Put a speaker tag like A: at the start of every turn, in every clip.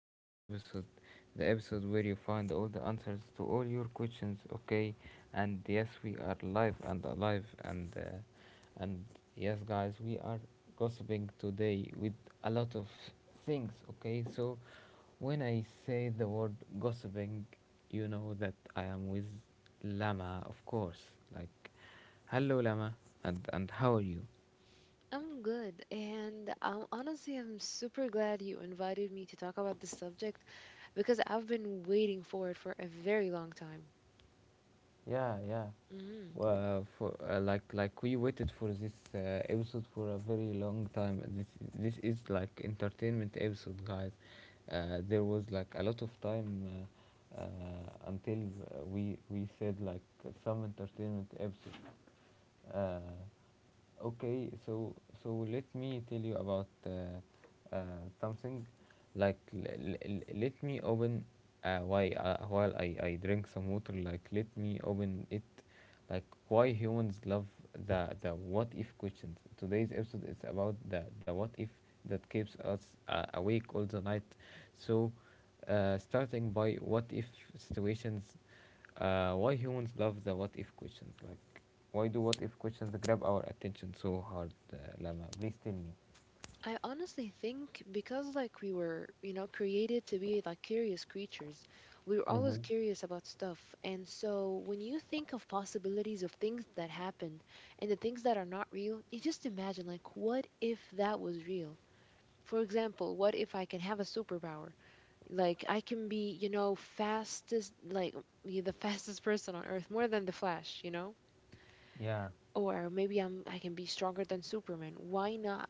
A: to my episode, the episode where you find all the answers to all your questions. Okay, and yes, we are live and alive, and yes, guys, we are gossiping today with a lot of things. Okay, so when I say the word gossiping, you know that I am with Lama, of course. Like, hello Lama, and how are you?
B: I'm good, and honestly, I'm super glad you invited me to talk about this subject because I've been waiting for it for a very long time.
A: Yeah, yeah.
B: Mm.
A: For, like we waited for this episode for a very long time. This is like entertainment episode, guys. There was like a lot of time, uh, uh, until we said like some entertainment episode. uh, Okay, so let me tell you about uh, something. Like, let me open, why while I drink some water. Like, let me open it. Like, why humans love the what if questions. Today's episode is about the what if that keeps us awake all the night. So, starting by what if situations. Why humans love the what if questions? Like, why do what if questions grab our attention so hard? Lama, please tell me.
B: I honestly think because like we were, you know, created to be like curious creatures, we were always curious about stuff. And so when you think of possibilities of things that happened and the things that are not real, you just imagine like what if that was real? For example, what if I can have a superpower? Like I can be, you know, fastest, like be the fastest person on earth, more than the Flash, you know?
A: Yeah,
B: Or maybe I can be stronger than Superman. Why not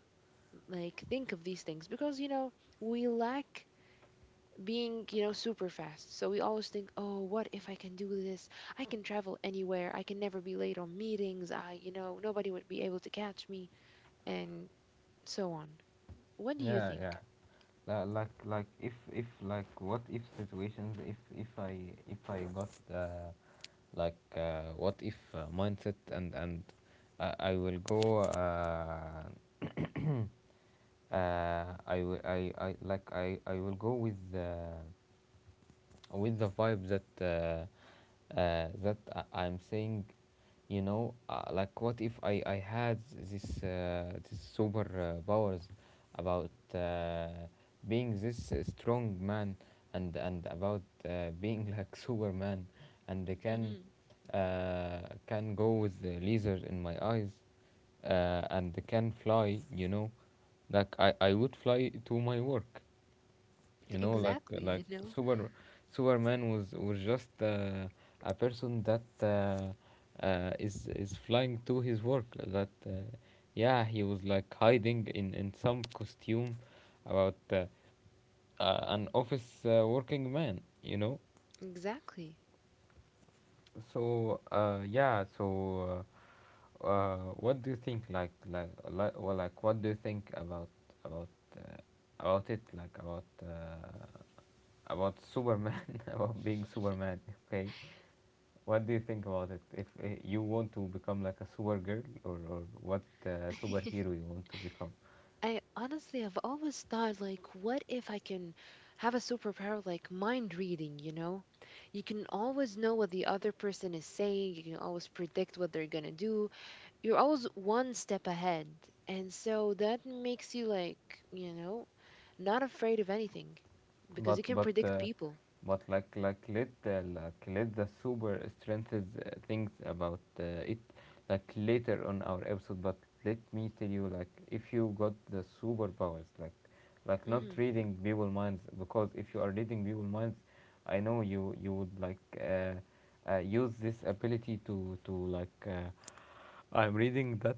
B: like think of these things? Because, you know, we lack being, you know, super fast. So we always think, "Oh, what if I can do this? I can travel anywhere. I can never be late on meetings. I, you know, nobody would be able to catch me." And so on. What do you
A: yeah, yeah.
B: think?
A: Like, if like what if situations. If I got what if mindset, and I will go I, wi- I like I will go with the vibe that I'm saying, like, what if I had this super powers, about being this strong man, and about being like Superman, and they
B: Hmm.
A: uh, can go with the laser in my eyes, and they can fly, you know, like I would fly to my work, like
B: Exactly, you
A: like
B: know?
A: super Superman was just a person that is flying to his work. That, yeah, he was like hiding in some costume, about an office working man, you know.
B: Exactly.
A: So, yeah. So, what do you think, well, like what do you think about, about uh, about it, like about, about Superman, about being Superman. Okay, what do you think about it? If you want to become like a Supergirl, or what superhero you want to become?
B: I honestly have always thought like what if I can have a superpower like mind reading, you know? You can always know what the other person is saying, you can always predict what they're going to do. You're always one step ahead. And so that makes you like, you know, not afraid of anything because
A: but
B: you can
A: but
B: predict
A: uh,
B: people.
A: but like, let, let the super strengths, things about it, like, later on our episode. But let me tell you, like, if you got the superpowers, like, not
B: Mhm.
A: reading people minds, because if you are reading people minds, I know you would like, use this ability to, like, I'm reading that,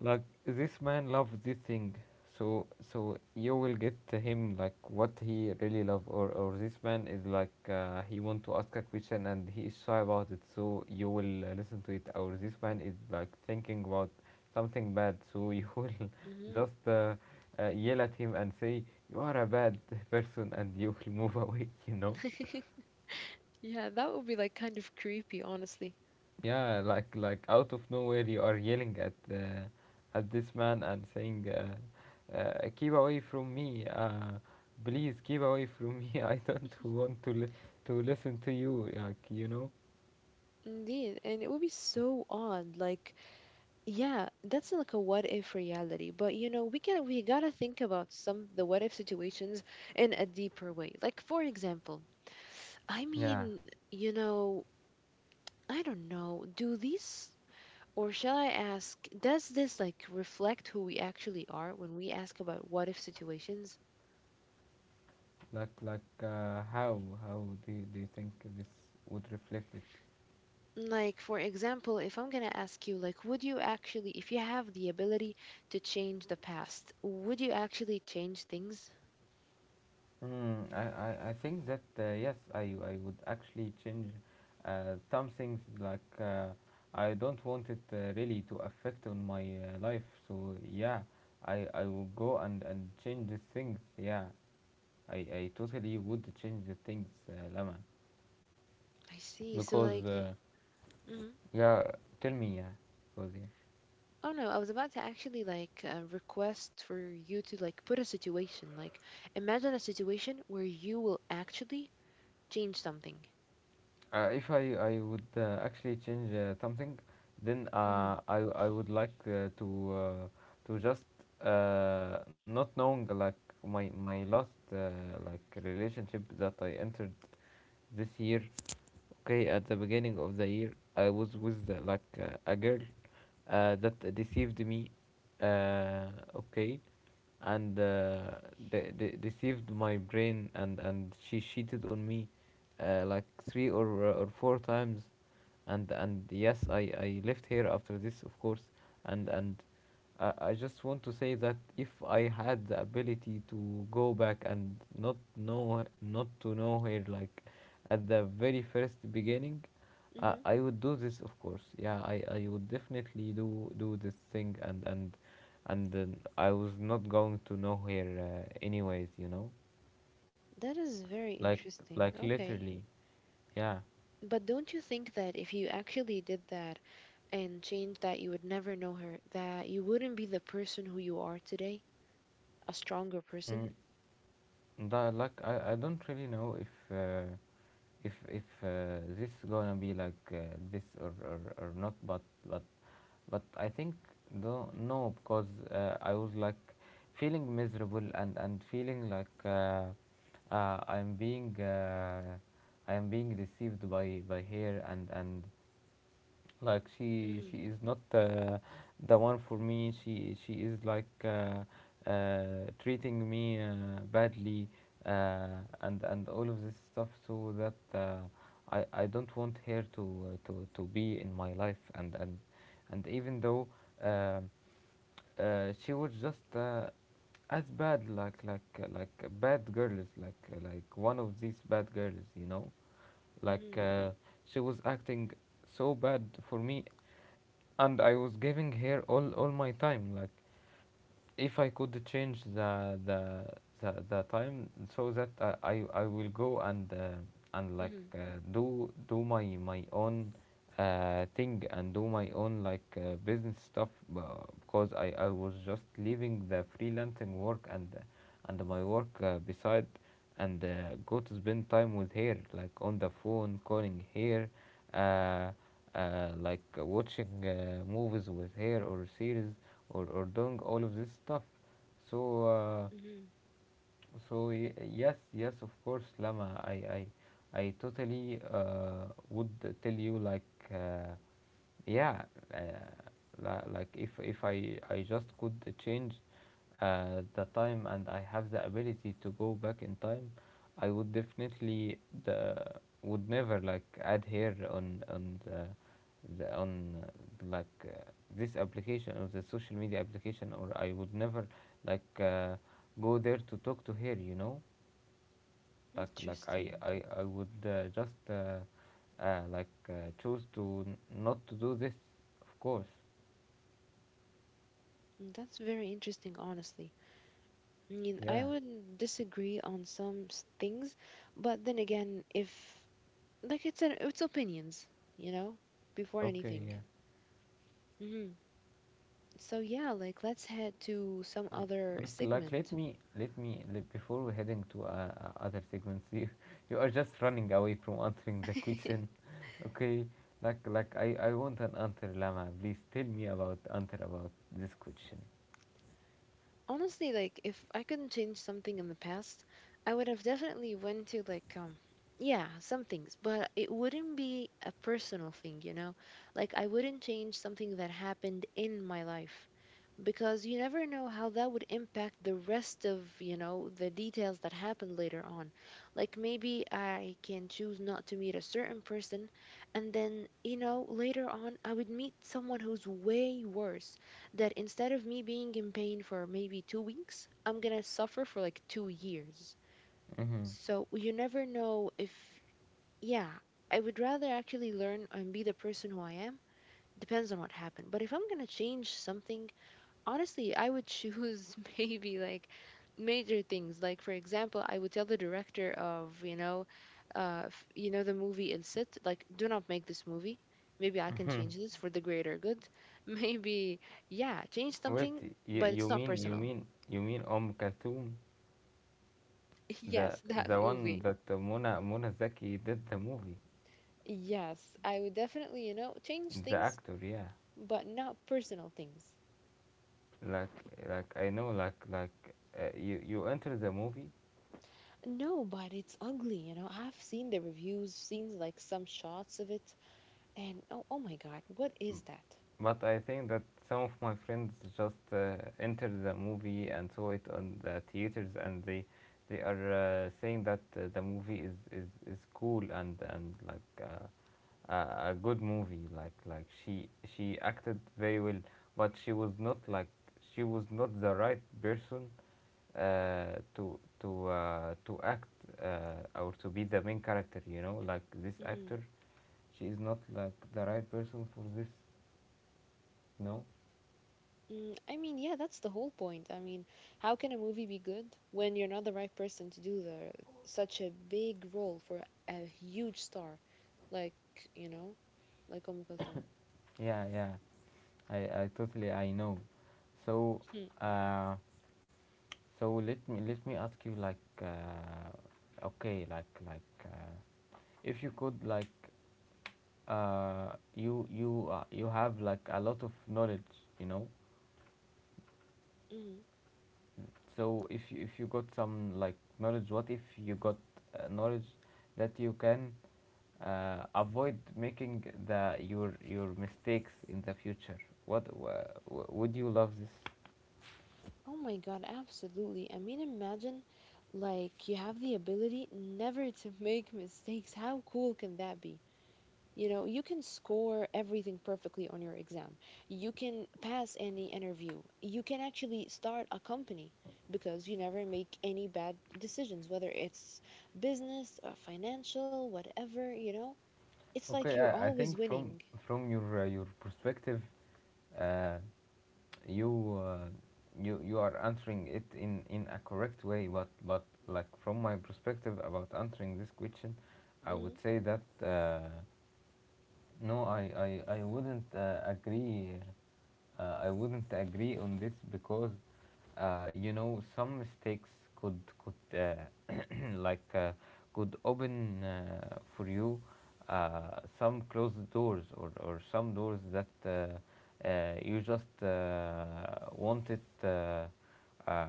A: like, this man loves this thing. So, you will get to him like what he really love. Or this man is like, he want to ask a question and he is shy about it, so you will listen to it. Or this man is like thinking about something bad, so you will
B: Mhm.
A: just yell at him and say, "You are a bad person," and you will move away, you know.
B: Yeah, that would be like kind of creepy, honestly.
A: Yeah, like out of nowhere you are yelling at this man and saying, "Keep away from me! Please keep away from me! I don't want to listen to you!" Like, you know.
B: Indeed, and it would be so odd. Like yeah, that's like a what if reality. But you know, we gotta think about some the what if situations in a deeper way. Like for example,
A: Yeah.
B: I mean, you know, I don't know, do these or shall I ask, does this like reflect who we actually are when we ask about what if situations?
A: How do you think this would reflect it?
B: Like for example, if I'm gonna ask you, like, would you actually, if you have the ability to change the past, would you actually change things?
A: Mm, I think that, yes, I would actually change some things, like, I don't want it really to affect on my life. So yeah, I will go and, change these things. Yeah, I totally would change the things, Lama.
B: I see. So
A: Because
B: like, mhm.
A: yeah, tell me, yeah, because, yeah.
B: Oh no, I was about to actually like request for you to like put a situation. Like, imagine a situation where you will actually change something.
A: If I would actually change something, then
B: Mm-hmm.
A: I would like, to, just, not knowing, like, my last, like, relationship that I entered this year. Okay, at the beginning of the year, I was with like, a girl that deceived me. Uh, okay, and deceived my brain, and she cheated on me, like, three or four times, and yes, I left here after this, of course, and I just want to say that if I had the ability to go back and not to know her, like, at the very first beginning,
B: Mm-hmm.
A: I would do this, of course. Yeah, I would definitely do this thing, and and then I was not going to nowhere, anyways,
B: That is very
A: like,
B: interesting. Okay.
A: literally. Yeah.
B: But don't you think that if you actually did that and changed that, you would never know her, that you wouldn't be the person who you are today, a stronger person?
A: Mm. That, like, I don't really know if this gonna be like, this, or not. But, but but I think, no, because I was like feeling miserable and feeling like, uh, I'm being uh, I am being deceived by here, and like, she
B: Mm-hmm.
A: she is not the one for me. She is like, treating me badly, uh, and all of this stuff, so that I don't want her to, be in my life, and even though, um she was just, as bad, like bad girls, like one of these bad girls, you know.
B: Mm-hmm.
A: like uh, she was acting so bad for me, and I was giving her all my time. Like, if I could change the time so that I will go and, like,
B: Mm-hmm.
A: do my own thing, and do my own, like, business stuff, b- because I was just leaving the freelancing work, and my work beside, and go to spend time with her, like on the phone calling her, uh, like watching movies with her, or series, or doing all of this stuff. So,
B: Mm-hmm.
A: yes, of course, Lama. I totally, would tell you, like. Uh, yeah, uh, like, if I just could change the time, and I have the ability to go back in time, I would definitely, the would never like adhere on the on like, this application, or the social media application, or I would never, like, go there to talk to her, you know, like i
B: Interesting.
A: i, I would just, like, choose to not to do this, of course.
B: Mm, that's very interesting, honestly. I mean, I
A: Yeah.
B: would disagree on some things, but then again, if like it's opinions, you know, before
A: Okay.
B: anything.
A: Yeah.
B: Hmm. So yeah, like let's head to some
A: Mm,
B: other
A: let
B: segment.
A: me, before we're heading to other segments, you you are just running away from answering the question. Okay, like I want an answer. Lama, please tell me about, answer about this question.
B: Honestly, like if I couldn't change something in the past, I would have definitely went to like yeah, some things, but it wouldn't be a personal thing, you know? Like I wouldn't change something that happened in my life. Because you never know how that would impact the rest of, you know, the details that happen later on. Like maybe I can choose not to meet a certain person, and then, you know, later on I would meet someone who's way worse, that instead of me being in pain for maybe 2 weeks I'm going to suffer for like 2 years.
A: Mm-hmm.
B: So you never know if, yeah, I would rather actually learn and be the person who I am, depends on what happened. But if I'm going to change something, honestly, I would choose maybe like major things. Like for example, I would tell the director of, you know, you know the movie El Cid, like do not make this movie. Maybe I can change this for the greater good. Maybe, yeah, change
A: Wait,
B: something,
A: you,
B: but it's
A: you
B: not
A: mean you
B: personal.
A: mean you mean om Kalthum? The
B: Yes, that
A: the one
B: movie.
A: that Mona Zaki did the movie,
B: Yes, I would definitely, you know, change
A: the
B: things,
A: actor. Yeah.
B: but not personal things.
A: Like like, I know, you enter the movie,
B: No, but it's ugly, you know. I've seen the reviews, seen like some shots of it, and oh, oh my God, what is that?
A: but I think that some of my friends just entered the movie and saw it on the theaters, and they are saying that the movie is, is cool, and like. A good movie. Like she acted very well, but she was not like, she was not the right person to act, or to be the main character, you know, like this
B: Mm,
A: actor, she is not like the right person for this. No.
B: mm, I mean, yeah, that's the whole point. I mean, how can a movie be good when you're not the right person to do the such a big role for a huge star, like you know, like Kulthum?
A: Yeah, yeah. I i totally, I know. So,
B: Mhm,
A: uh let me ask you, like, okay, if you could, like, you have, like, a lot of knowledge, you know.
B: mhm.
A: So if you, got some, like, knowledge, what if you got knowledge that you can avoid making the your mistakes in the future, what wha- would you love this?
B: Oh my God, absolutely. I mean, imagine like you have the ability never to make mistakes. How cool can that be? You know, you can score everything perfectly on your exam. You can pass any interview. You can actually start a company because you never make any bad decisions, whether it's business or financial, whatever, you know. It's like
A: Okay,
B: you're
A: I
B: always
A: think, from
B: winning.
A: your perspective, uh, you uh, you are answering it in a correct way, but like, from my perspective about answering this question, I
B: Mm-hmm.
A: would say that, no, I wouldn't agree. I wouldn't agree on this because, you know, some mistakes could like uh, could open for you some closed doors, or some doors that you just wanted uh,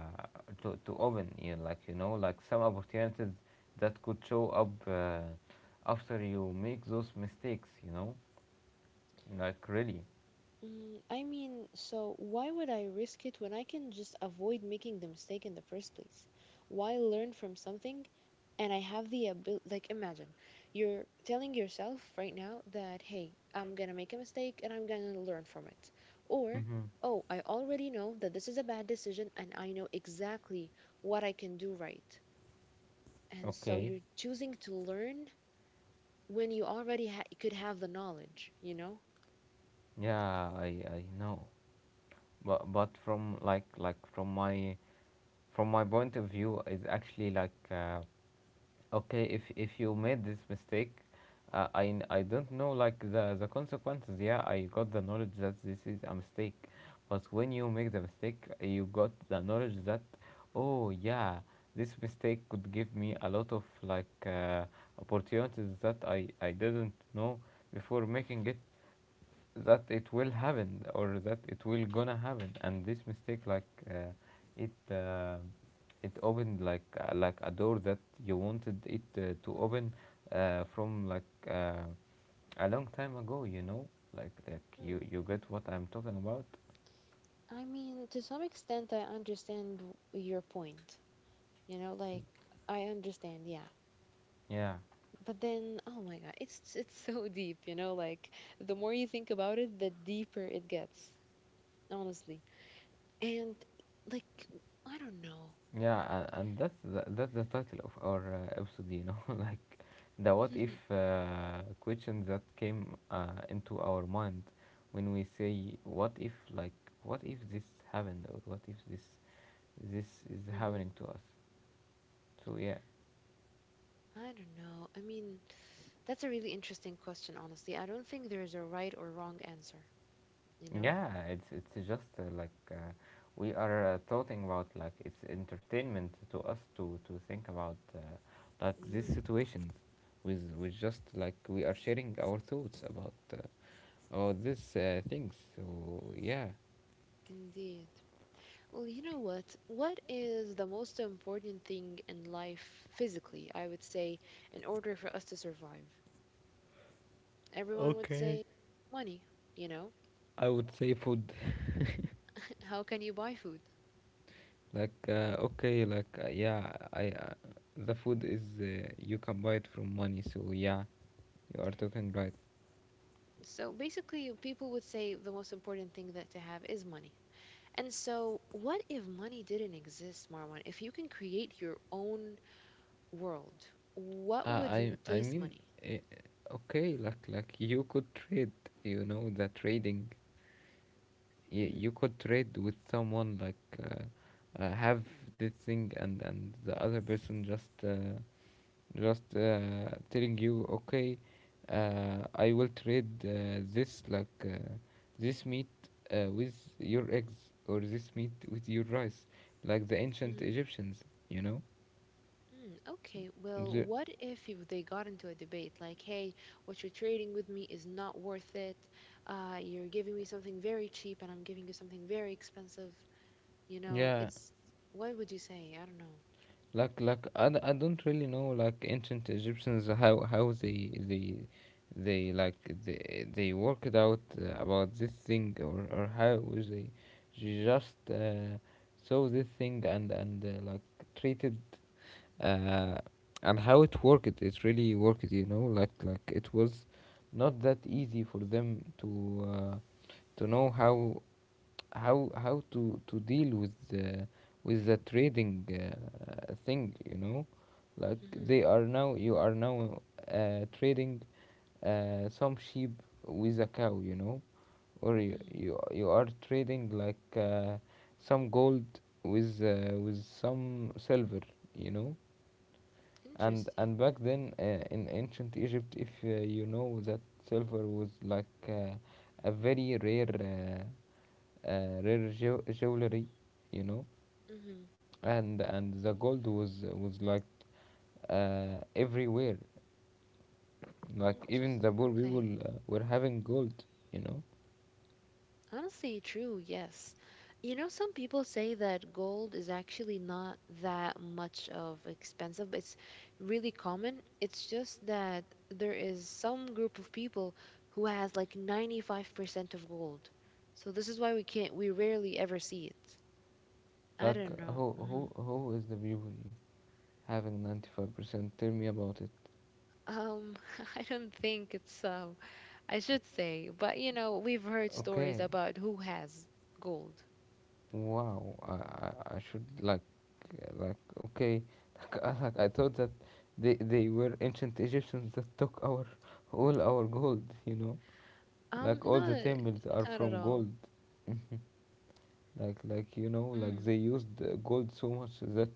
A: to open. Like like some opportunities that could show up, after you make those mistakes. You know. Like, really?
B: Mm, I mean, so why would I risk it when I can just avoid making the mistake in the first place? Why learn from something and I have the ability, like imagine you're telling yourself right now that, hey, I'm gonna make a mistake and I'm gonna learn from it. Or,
A: Hmm.
B: oh, I already know that this is a bad decision and I know exactly what I can do right. And so
A: Okay.
B: you're choosing to learn when you already ha could have the knowledge, you know?
A: Yeah, I know. But from like from my point of view is actually like, okay, if you made this mistake, I don't know, like, the consequences. Yeah, I got the knowledge that this is a mistake, but when you make the mistake, you got the knowledge that, oh yeah, this mistake could give me a lot of, like, opportunities that I didn't know before making it, that it will happen, or that it will gonna happen, and this mistake, like, it uh, it opened, like, like a door that you wanted it to open, from, like, uh, a long time ago, like you get what I'm talking about.
B: I mean, to some extent, I understand your point. You know, like I understand, yeah.
A: Yeah.
B: But then, oh my God, it's so deep. You know, like the more you think about it, the deeper it gets, honestly. And like, I don't know.
A: Yeah, and that's that's the title of our episode, like, the what if questions that came into our mind, when we say what if, like, what if this happened, or what if this is happening
B: Hmm.
A: to us. So yeah.
B: I don't know. I mean, that's a really interesting question, honestly. I don't think there's a right or wrong answer. You know.
A: Yeah, it's just like, we are talking about, like, it's entertainment to us to think about, like, these
B: Mm.
A: situations, with just like, we are sharing our thoughts about, or this things. So yeah.
B: Indeed. Well, you know what? What is the most important thing in life physically, I would say, in order for us to survive? Everyone would
A: Okay.
B: say money, you know?
A: I would say food.
B: How can you buy food?
A: Like, okay, like, yeah, I, the food is, you can buy it from money. So yeah, you are talking right.
B: So basically, people would say the most important thing that to have is money. And so, what if money didn't exist, Marwan? If you can create your own world, what would
A: I
B: replace
A: mean,
B: money?
A: uh, okay, like, you could trade. You know, the trading. You,
B: Hmm.
A: you could trade with someone, like, have this thing, and the other person just. Just telling you, okay, I will trade, this like, this meat, with your eggs, or this meat with your rice, like the ancient Egyptians, you know.
B: Mm, okay, well,
A: The,
B: what if you, they got into a debate like, hey, what you're trading with me is not worth it. You're giving me something very cheap and I'm giving you something very expensive. You know,
A: yeah,
B: it's what would you say? I don't know.
A: like I, I don't really know, like, ancient Egyptians, how they like they worked out about this thing, or how they just, saw this thing, and, like, treated, uh, and how it worked, it really worked, you know. Like it was not that easy for them to, to know how how to deal with the, with the trading, thing, you know, like
B: Mm-hmm.
A: they are now, you are now, trading, some sheep with a cow, you know, or you
B: Mm,
A: you, you are trading, like, some gold with, with some silver, you know. and
B: interesting.
A: and back then, in ancient Egypt, if, you know that silver was, like, a very rare, rare jewelry, you know,
B: Mm-hmm.
A: and the gold was like, everywhere, like, even the
B: Interesting.
A: poor
B: Okay.
A: people were having gold, you know.
B: Honestly, true, yes. You know, some people say that gold is actually not that much of expensive. It's really common. It's just that there is some group of people who has like 95% of gold. So this is why we can't, we rarely ever see it. I
A: Like,
B: don't know.
A: who who
B: Mhm.
A: who is the people having 95%? Tell me about it.
B: Um, I don't think it's, I should say, but you know, we've heard stories
A: Okay.
B: about who has gold.
A: Wow, I should, like, like, okay, like I thought that they were ancient Egyptians that took our all our gold, you know, like all the
B: Not,
A: temples are
B: not at
A: from
B: all.
A: gold. Like, you know, like,
B: Mm.
A: they used gold so much that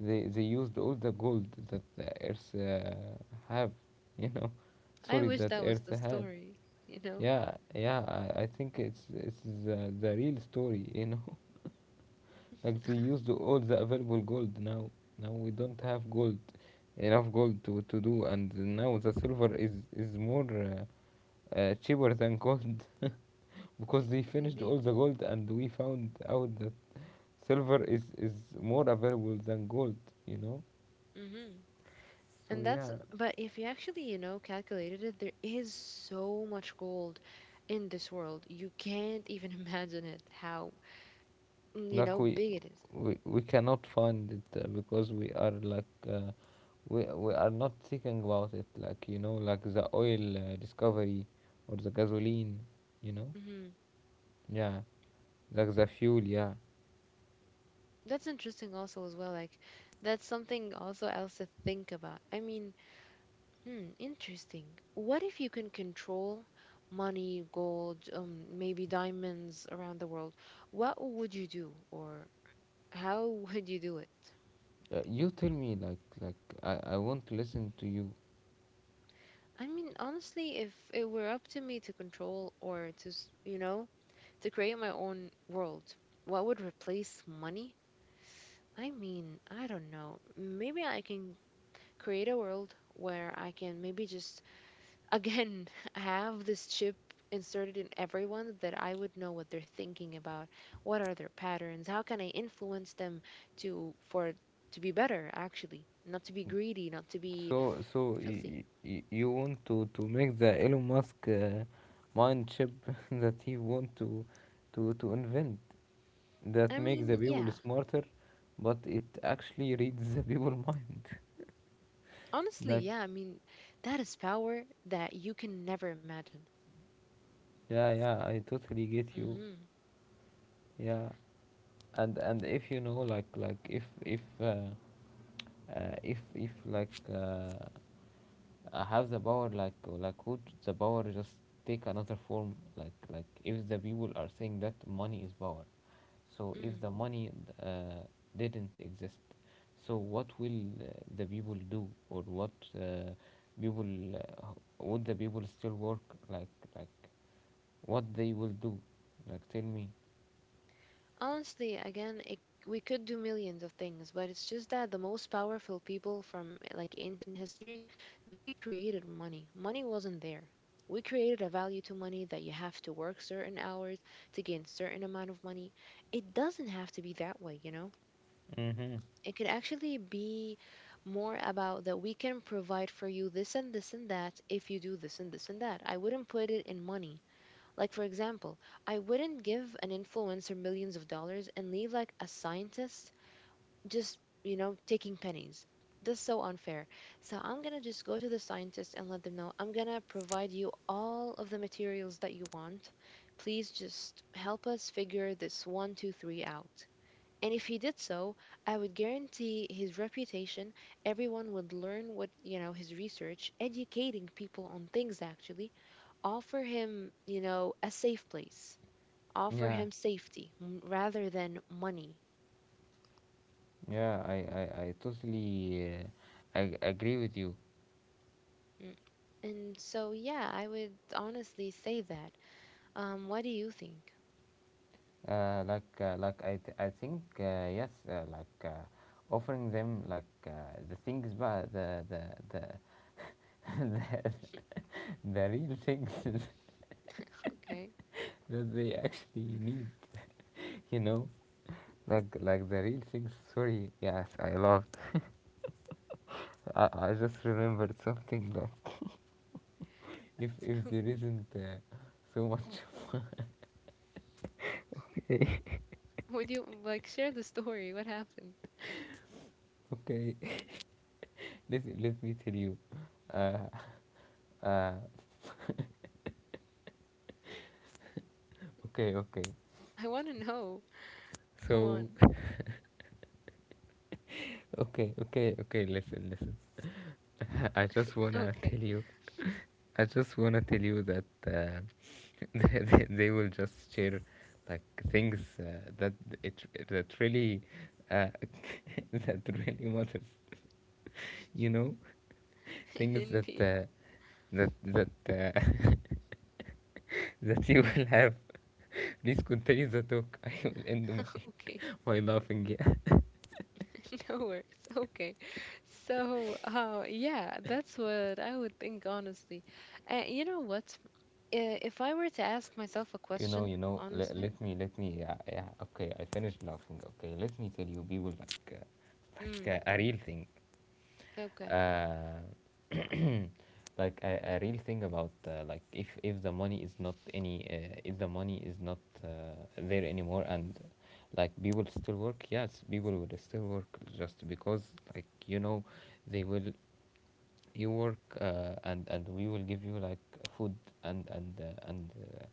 A: they used all the gold that the earth have, you know,
B: I
A: sorry,
B: wish
A: that
B: that was
A: earth
B: the
A: had.
B: story, you know?
A: Yeah, yeah, I think it's the real story, you know. Like, they used all the available gold now. Now we don't have gold, enough gold to do, and now the silver is more, cheaper than gold because they finished all
B: Indeed.
A: the gold, and we found out that silver is more available than gold. You know,
B: Hmm.
A: so
B: And that's,
A: yeah.
B: but if you actually, you know, calculated it, there is so much gold in this world. You can't even imagine it, how, mm, you
A: like
B: know,
A: we
B: big it is.
A: we, we cannot find it, because we are, like, we are not thinking about it. Like, you know, like the oil discovery, or the gasoline. You know,
B: Mm-hmm.
A: yeah. Like the fuel, yeah.
B: That's interesting also as well. Like, that's something also else to think about. I mean, hmm, interesting. What if you can control money, gold, maybe diamonds around the world? What would you do, or how would you do it?
A: You tell me, like, I want to listen to you.
B: I mean, honestly, if it were up to me to control or to, you know, to create my own world, what would replace money? I mean, I don't know. Maybe I can create a world where I can maybe just, again, have this chip inserted in everyone that I would know what they're thinking about. What are their patterns? How can I influence them to, for, to be better, actually? Not to be greedy, not to be
A: So, so
B: filthy.
A: you want to make the Elon Musk, mind chip that he want to invent, that
B: I
A: make the
B: mean,
A: people
B: yeah,
A: smarter, but it actually reads the people mind.
B: honestly,
A: Like,
B: yeah, I mean, that is power that you can never imagine.
A: yeah, yeah, I totally get you.
B: Hmm.
A: Yeah, and if you know, like, if, if if like. Have the power, like, would the power just take another form, like, if the people are saying that money is power, so if
B: Hmm.
A: the money, uh, didn't exist, so what will, the people do, or what, people, would the people still work, like, what they will do, like, tell me.
B: Honestly, again, it, we could do millions of things, but it's just that the most powerful people from like ancient history, they created money. Money wasn't there. We created a value to money that you have to work certain hours to gain certain amount of money. It doesn't have to be that way, you know?
A: Mm-hmm.
B: It could actually be more about that we can provide for you this and this and that if you do this and this and that. I wouldn't put it in money. Like, for example, I wouldn't give an influencer millions of dollars and leave like a scientist just, you know, taking pennies. That's so unfair. So I'm going to just go to the scientist and let them know I'm going to provide you all of the materials that you want. Please just help us figure this one, two, three out. And if he did so, I would guarantee his reputation. Everyone would learn what, you know, his research, educating people on things actually, offer him, you know, a safe place, offer
A: Yeah,
B: him safety rather than money.
A: yeah, I totally, I agree with you.
B: Mm. And so, yeah, I would honestly say that. What do you think?
A: Like, like, I, I think, yes, like, offering them, like, the things, but the the, the real things,
B: Okay.
A: that they actually need, you know, like the real things. Sorry, yes, I laughed. I just remembered something that, if there isn't, so much of-
B: Would you like share the story? What happened?
A: okay, let, let me tell you, uh, uh, okay, okay,
B: I want to know. Come on.
A: so Okay, okay, okay. Listen, listen. I just wanna
B: Okay.
A: tell you. I just wanna tell you that, they will just share like, things, that it, that really, uh, that really matters. You know, things that,
B: Indeed.
A: that that you will have. Please continue the talk. I will end my,
B: Okay.
A: my laughing.
B: No worries. Okay. So, yeah, that's what I would think, honestly. And you know what? If I were to ask myself a
A: You know,
B: question,
A: you know. Let,
B: honestly,
A: let me, let me. Yeah, yeah. Okay, I finished laughing. Okay, let me tell you, people, like, like,
B: mm,
A: a real thing.
B: okay,
A: Uh, like, a real thing about, like, if the money is not any, if the money is not, there anymore, and like people still work. Yes, people will still work, just because, like, you know, they will, you work, and we will give you, like, food, and, uh, and uh,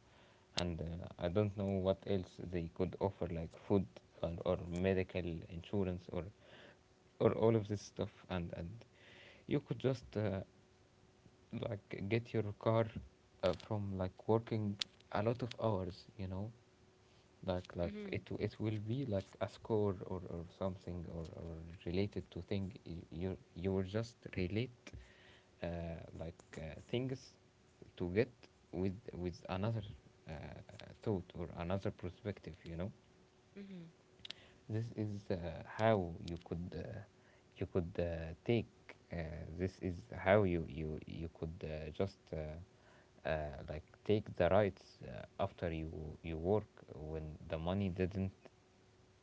A: and uh, I don't know what else they could offer, like food, or medical insurance, or all of this stuff, and you could just, like, get your car, from, like, working a lot of hours, you know. Like
B: mm-hmm,
A: it it will be, like, a score, or something, or related to thing, you you will just relate, like, things to get, with another, uh, thought, or another perspective, you know.
B: mm-hmm,
A: This is, how you could, you could, take, uh, this is how you could, just like, take the rights, after you, you work, when the money didn't,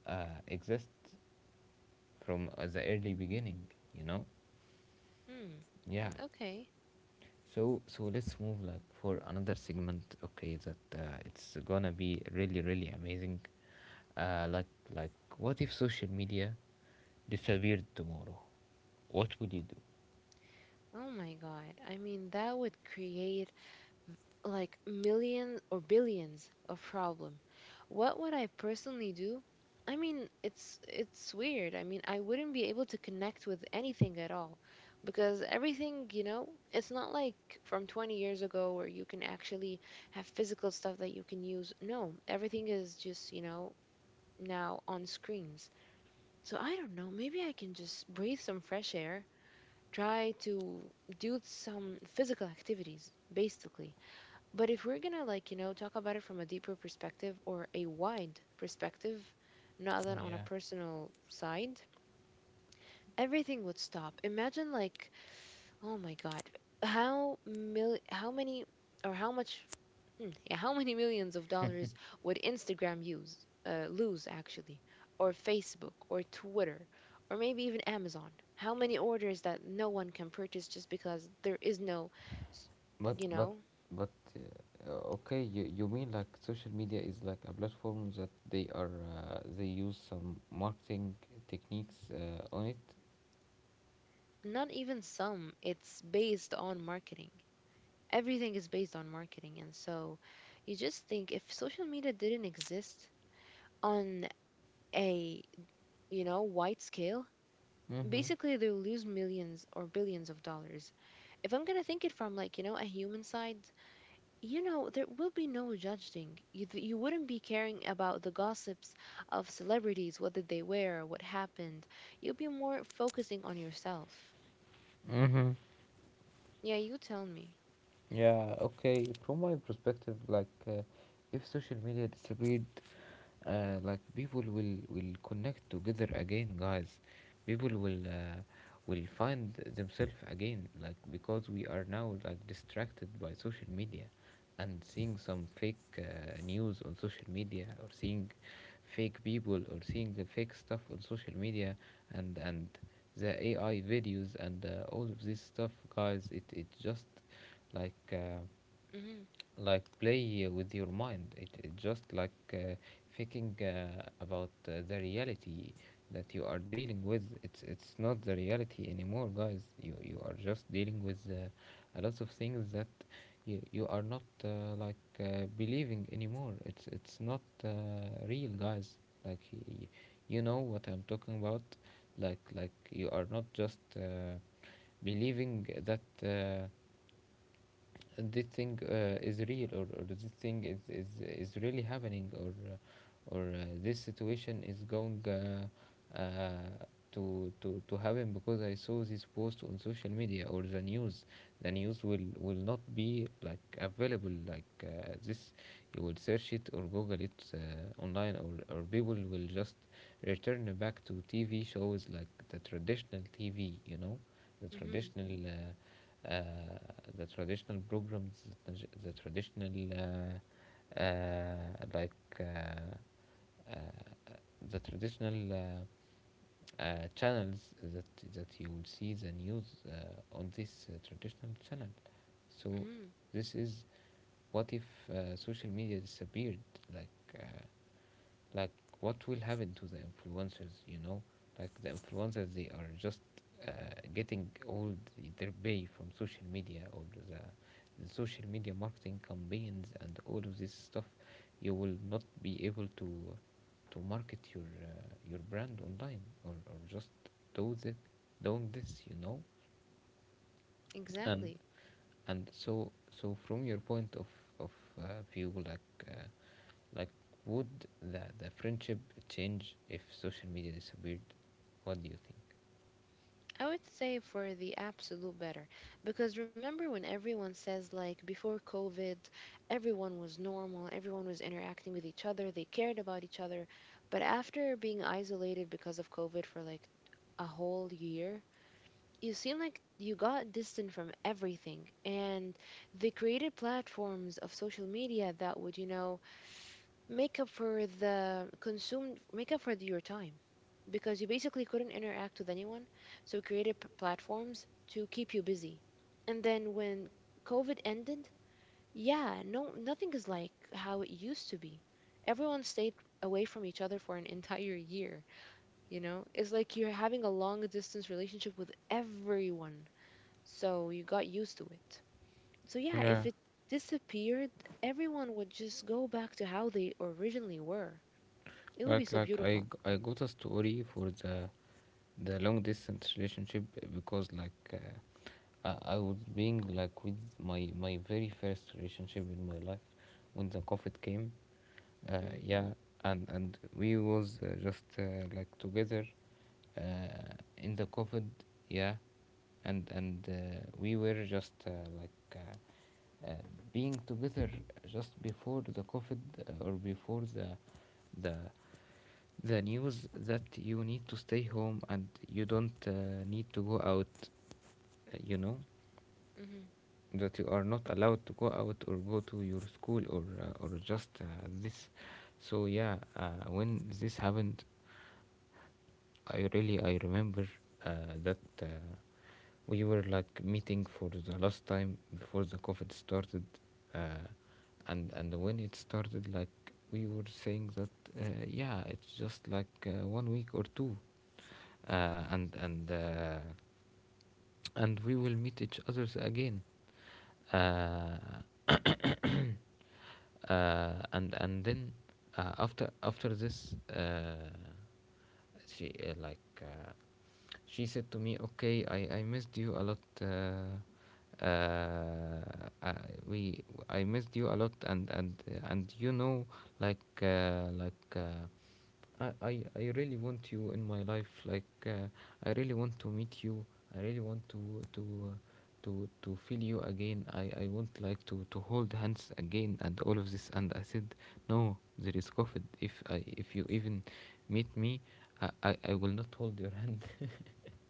A: exist, from, the early beginning, you know.
B: mm,
A: Yeah.
B: okay.
A: So so let's move, like, for another segment. Okay, that, it's gonna be really really amazing. Uh, like like, what if social media disappeared tomorrow? What would you do?
B: Oh my God. I mean, that would create like millions or billions of problem. What would I personally do? I mean, it's weird. I mean, I wouldn't be able to connect with anything at all, because everything, you know, it's not like from 20 years ago where you can actually have physical stuff that you can use. No, everything is just, you know, now on screens. So I don't know, maybe I can just breathe some fresh air, try to do some physical activities basically. But if we're gonna like, you know, talk about it from a deeper perspective or a wide perspective, not that on a
A: Yeah.
B: personal side, everything would stop. Imagine like, oh my God, how many or how much, hmm, yeah, how many millions of dollars would Instagram use, lose actually, or Facebook or Twitter, or maybe even Amazon? How many orders that no one can purchase just because there is no, s- you
A: But
B: know?
A: but okay, you mean, like, social media is like a platform that they are, they use some marketing techniques, on it.
B: Not even some, it's based on marketing. Everything is based on marketing, and so you just think, if social media didn't exist on a, you know, wide scale,
A: Mm-hmm.
B: basically they'll lose millions or billions of dollars. If I'm going to think it from like, you know, a human side, you know, there will be no judging you, you wouldn't be caring about the gossips of celebrities, what did they wear, what happened. You'll be more focusing on yourself.
A: Mm-hmm.
B: Yeah, you tell me.
A: Yeah, okay. From my perspective, like, if social media disappeared, like, people will connect together again, guys, people will, will find themselves again, like, because we are now, like, distracted by social media, and seeing some fake, news on social media, or seeing fake people, or seeing the fake stuff on social media, and the AI videos, and, all of this stuff, guys, it just, like,
B: Hmm.
A: like, play with your mind, it just, like, thinking, about, the reality that you are dealing with. It's not the reality anymore, guys, you are just dealing with, a lot of things that you are not, like, believing anymore. It's not, real, guys, like, you know what I'm talking about. Like, you are not just, believing that, this thing, is real, or this thing is, is really happening, or, this situation is going, uh, to happen, because I saw this post on social media, or the news. The news will not be, like, available, like, this, you will search it, or google it, online, or people will just return back to TV shows, like the traditional TV, you know, the
B: Hmm.
A: traditional, uh, the traditional programs, the traditional, like, uh, uh, the traditional, channels, that that you will see the news, on this, traditional channel. So
B: Mm,
A: this is what if, social media disappeared? Like uh, like what will happen to the influencers, like the influencers? They are just uh, getting all their pay from social media, or the, the social media marketing campaigns and all of this stuff. You will not be able to market your brand online, or just do the doing this. and
B: exactly.
A: and so so from your point of of uh, view like uh, like, would the friendship change if social media disappeared? What do you think?
B: I would say for the absolute better. Because remember when everyone says, like, before COVID, everyone was normal, everyone was interacting with each other, they cared about each other. But after being isolated because of COVID for like a whole year, you seem like you got distant from everything. And they created platforms of social media that would, you know, make up for the consumed, make up for your time because you basically couldn't interact with anyone. So we created platforms to keep you busy. And then when COVID ended, yeah, no, nothing is like how it used to be. Everyone stayed away from each other for an entire year. You know, it's like you're having a long distance relationship with everyone. So you got used to it. So yeah,
A: Yeah,
B: if it disappeared, everyone would just go back to how they originally were. It would be
A: like
B: so
A: like
B: beautiful.
A: I got a story for the long distance relationship, because I was being like with my very first relationship in my life when the COVID came.
B: Mm-hmm,
A: Yeah, and we was just like together in the COVID. Yeah, and we were just like. Uh, uh, being together just before the COVID, or before the the news that you need to stay home and you don't need to go out, uh, you know,
B: mm-hmm,
A: that you are not allowed to go out or go to your school, or or just this. So yeah, when this happened, I really I remember that we were like meeting for the last time before the COVID started. uh, and when it started, like, we were saying that yeah, it's just like 1 week or two, uh, and and uh, and we will meet each others again. Uh, and then after after this She, she said to me, okay, I missed you a lot, uh, I, we I missed you a lot, and you know, like uh, like uh, I, I really want you in my life, I really want to meet you, I really want to uh, to feel you again. I want like to hold hands again and all of this. And I said, no, there is COVID. If I, if you even meet me, I, I will not hold your hand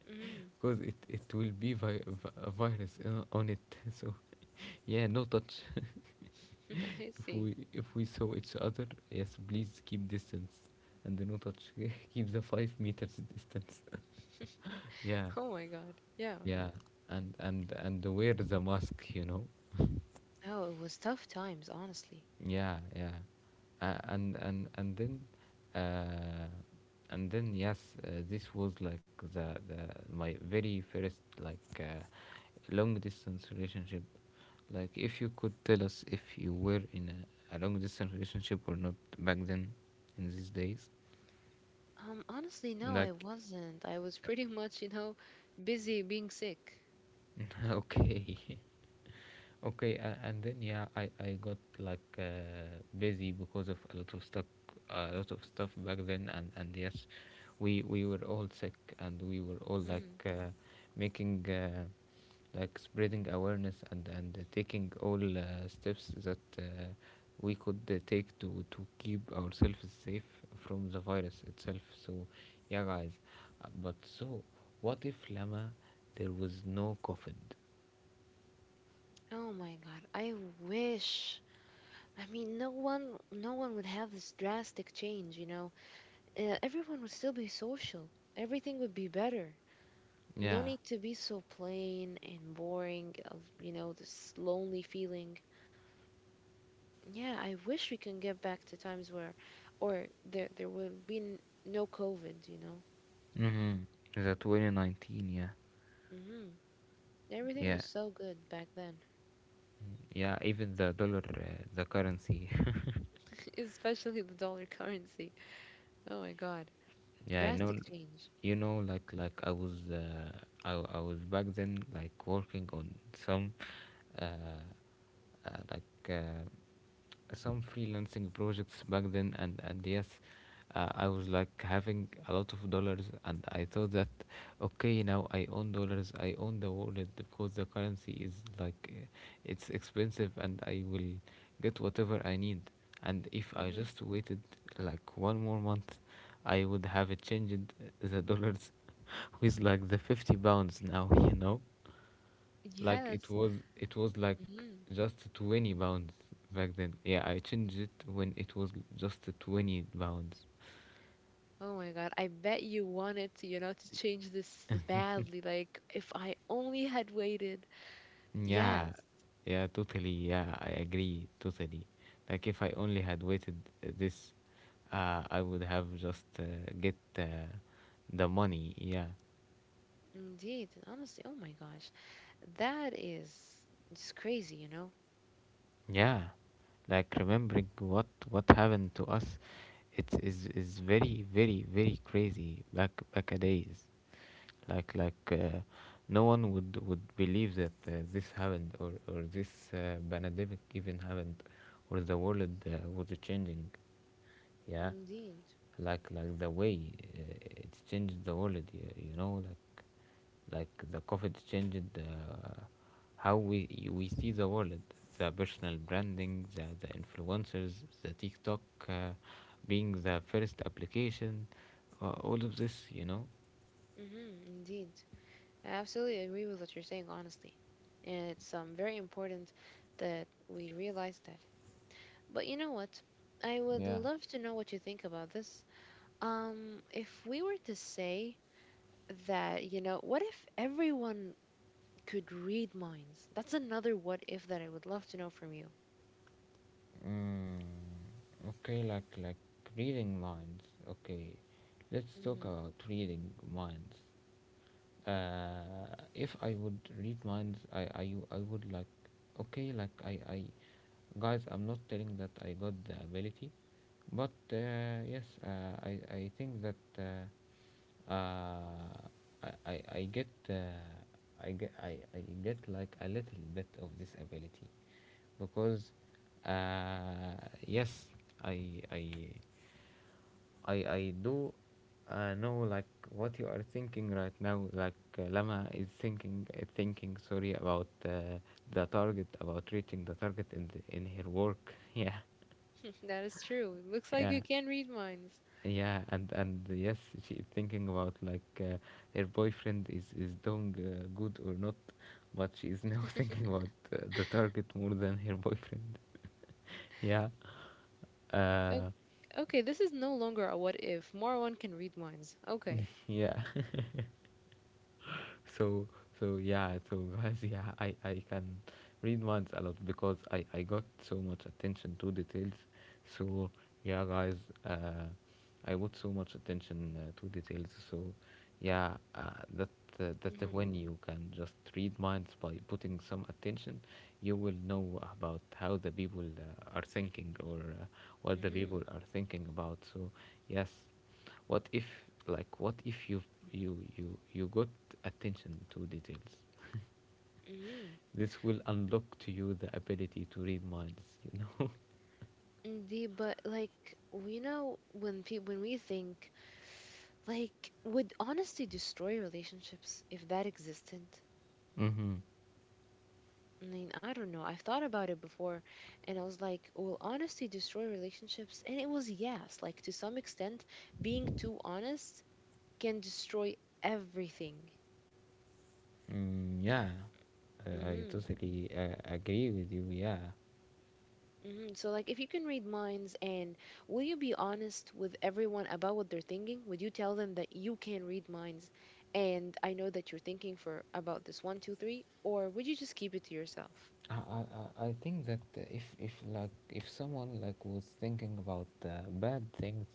B: mm-hmm.
A: because it will be a virus on it. So yeah, no touch.
B: I see.
A: If we saw each other, yes, please keep distance and do not touch. Keep the 5 meters distance. Yeah,
B: Oh my God. Yeah.
A: yeah, and wear the mask. You know.
B: Oh, it was tough times, honestly.
A: Yeah, yeah, uh, and and and then, uh, and then yes, this was like the my very first like long distance relationship. Like, if you could tell us if you were in a long distance relationship or not back then, in these days.
B: Honestly, no, I
A: Like,
B: wasn't. I was pretty much, you know, busy being sick.
A: okay, okay, and then yeah, I got like busy because of a lot of stuff, a lot of stuff back then, and yes, we were all sick, and we were all
B: Mm.
A: like making like spreading awareness and taking all steps that we could take to keep ourselves safe from the virus itself. So yeah, guys, but so what if, Lama, there was no coffin?
B: Oh my God, I wish. I mean, no one, no one would have this drastic change, you know. Everyone would still be social. Everything would be better. No
A: Yeah.
B: need to be so plain and boring, of, you know, this lonely feeling. Yeah, I wish we can get back to times where, or there will be no COVID, you know.
A: Mm-hmm. The 2019, yeah.
B: Hmm. Everything
A: Yeah.
B: was so good back then.
A: Yeah, even the dollar, the currency.
B: Especially the dollar currency. Oh my God,
A: Yeah,
B: drastic
A: no,
B: change.
A: you know, like I was back then like working on some uh, uh like uh, some freelancing projects back then, and yes, I was like having a lot of dollars, and I thought that, okay, now I own dollars, I own the wallet, because the currency is like uh, it's expensive, and I will get whatever I need. And if I
B: Hmm.
A: just waited like 1 more month, I would have changed the dollars with like the 50 pounds now. You know? Like,
B: Yes.
A: it was like
B: Hmm.
A: just 20 pounds back then. Yeah, I changed it when it was just 20 pounds.
B: Oh my God, I bet you wanted to, you know, to change this badly. Like, if I only had waited. Yes,
A: Yeah. Yeah, totally. Yeah, I agree totally. Like, if I only had waited this I would have just get the money. Yeah.
B: indeed. Honestly, oh my gosh, that is, it's crazy, you know.
A: Yeah, like remembering what happened to us, it's is very very very crazy back back a days. Like no one would believe that this happened, or this pandemic even happened, or the world was changing. Yeah,
B: Indeed.
A: like the way it changed the world. You know, like, the covid changed how we see the world: the personal branding, the influencers, the tiktok, uh, being the first application, all of this, you know.
B: Mm-hmm, indeed. I absolutely agree with what you're saying, honestly. And it's very important that we realize that. But you know what? I would
A: Yeah.
B: love to know what you think about this. If we were to say that, you know, what if everyone could read minds? That's another what if that I would love to know from you.
A: Mm, okay, like reading minds. Okay, let's talk
B: Mhm.
A: about reading minds. If I would read minds, I would like, okay, like I guys, I'm not telling that I got the ability, but yes, I think that I get I get I get like a little bit of this ability, because uh, yes, I I. I do know like what you are thinking right now. Like, Lama is thinking, sorry, about the target about reaching the target in in her work. Yeah,
B: That is true. It looks like
A: yeah,
B: you can read minds.
A: yeah. And yes, she is thinking about, like, her boyfriend, is doing good or not, but she is now thinking about the target more than her boyfriend. Yeah.
B: O-
A: Uh,
B: Okay, this is no longer a what if. More one can read minds. Okay.
A: yeah. so so guys, yeah, I can read minds a lot, because I got so much attention to details. So yeah, guys, uh I put so much attention to details. So yeah, that that
B: Mm-hmm.
A: when you can just read minds by putting some attention, you will know about how the people are thinking, or what the
B: Mm-hmm.
A: people are thinking about. So yes, what if, what if you you got attention to details?
B: Mm-hmm.
A: This will unlock to you the ability to read minds, you know.
B: Indeed, but like we know when people when we think, like, would honesty destroy relationships if that existed?
A: Mm-hmm.
B: I mean, I don't know. I've thought about it before and I was like, will honesty destroy relationships? And it was yes, like to some extent, being too honest can destroy everything.
A: Mm, yeah, I
B: Hmm.
A: totally agree with you. Yeah,
B: Mhm. So, like, if you can read minds, and will you be honest with everyone about what they're thinking? Would you tell them that you can read minds and I know that you're thinking for about this one, two, three? Or would you just keep it to yourself?
A: I, I, I think that if someone was thinking about bad things,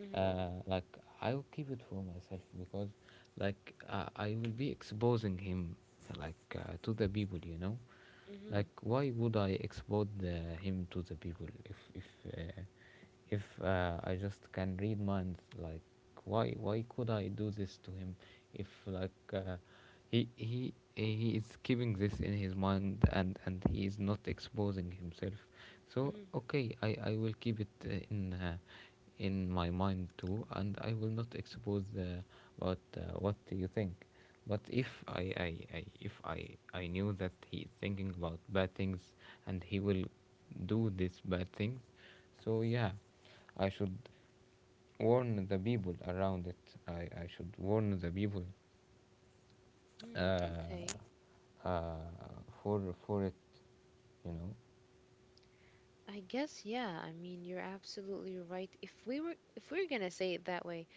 B: Mm-hmm.
A: uh, like I'll keep it for myself, because I will be exposing him, to the people, you know.
B: Mm-hmm.
A: Like, why would I expose him to the people if uh, I just can read minds? Like, why could I do this to him if he is keeping this in his mind, and he is not exposing himself. So
B: Mm-hmm.
A: okay, I will keep it in my mind too, and I will not expose what do you think. But if I, I if I knew that he is thinking about bad things, and he will do these bad things, so yeah, I should warn the people around it. I should warn the people,
B: Hmm.
A: uh,
B: Okay.
A: uh, for it, you know.
B: I guess, yeah. I mean, you're absolutely right. If we were, if we're gonna say it that way,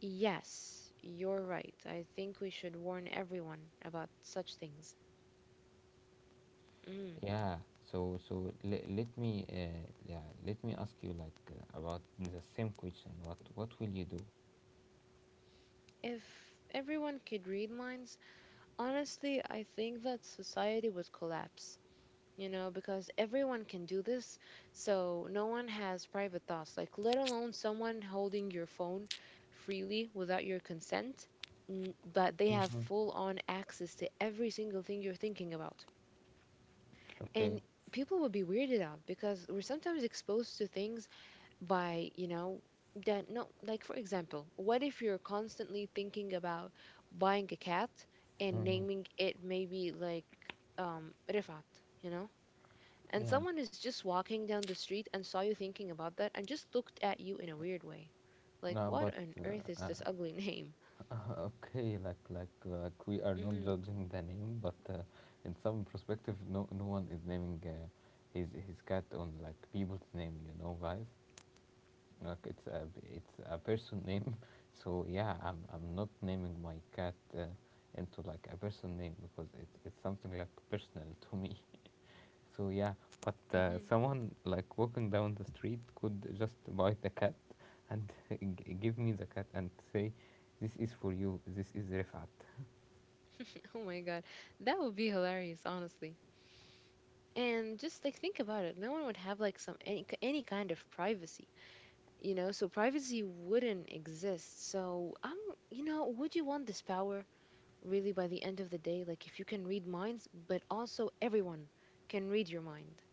B: yes, you're right. I think we should warn everyone about such things. Mm.
A: Yeah, so so let me yeah, let me ask you, like, about the same question. What will you do?
B: If everyone could read minds, honestly, I think that society would collapse, you know, because everyone can do this, so no one has private thoughts, like let alone someone holding your phone freely without your consent, but they have full on access to every single thing you're thinking about. And
A: Okay.
B: people would be weirded out because we're sometimes exposed to things by, you know, that no, like for example, what if you're constantly thinking about buying a cat and
A: Mhm.
B: naming it maybe like Rifat, you know, and
A: Yeah.
B: someone is just walking down the street and saw you thinking about that and just looked at you in a weird way, like
A: No,
B: what
A: but
B: on earth is this ugly name.
A: okay, like we are not
B: Hmm.
A: judging the name, but in some perspective, no, one is naming his cat on, like, people's name, you know, guys. Like it's a it's a person name. So yeah, I'm not naming my cat into, like, a person name, because it's something like personal to me. So yeah, but
B: Hmm.
A: someone, like walking down the street, could just buy the cat and give me the cat and say, "This is for you. This is Rifat."
B: Oh my God, that would be hilarious, honestly. And just like think about it, no one would have like some, any kind of privacy, you know, so privacy wouldn't exist. So I'm, you know, would you want this power really by the end of the day? Like, if you can read minds but also everyone can read your mind,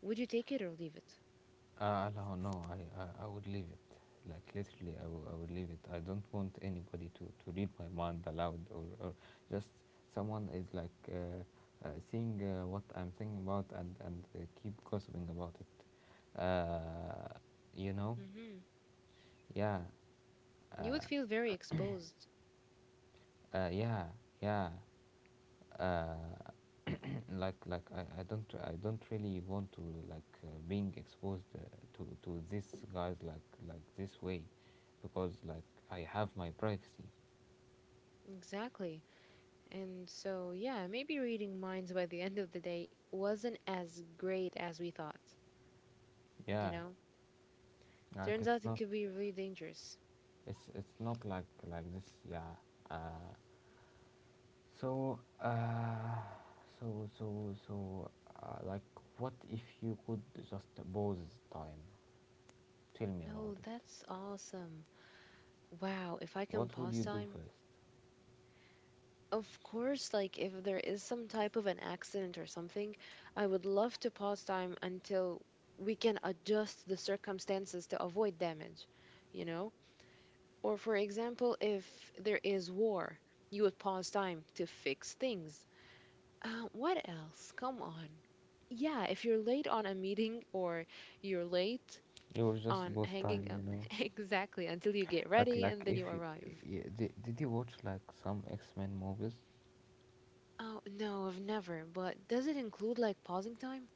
B: would you take it or leave it?
A: No, no, I would leave it. Like, literally, I would leave it. I don't want anybody to read my mind aloud, or just someone is like, seeing what I'm thinking about, and keep gossiping about it. You know?
B: Hmm.
A: Yeah,
B: You would feel very exposed.
A: uh, yeah, yeah. Uh, like, I don't really want to, being exposed to these guys, like this way, because, like, I have my privacy.
B: Exactly. And so yeah, maybe reading minds by the end of the day wasn't as great as we thought, you
A: Yeah,
B: know,
A: like,
B: turns
A: it's
B: out it
A: not,
B: could be really dangerous.
A: it's not like, like this. Yeah. Uh, so uh, so so so like, what if you could just pause time? Tell me
B: Oh,
A: about it.
B: that's awesome. Wow, if I can
A: What would
B: pause
A: you do
B: time.
A: first?
B: Of course, like if there is some type of an accident or something, I would love to pause time until we can adjust the circumstances to avoid damage, you know? Or for example, if there is war, you would pause time to fix things. What else? Come on. Yeah, if you're late on a meeting or you're late
A: You was just
B: on
A: pause
B: hanging
A: time, you
B: out,
A: know.
B: exactly, until you get
A: But
B: ready
A: like,
B: and then
A: if
B: you
A: y-
B: arrive.
A: y- did you watch like some X Men movies?
B: Oh, no, I've never, but does it include like pausing time?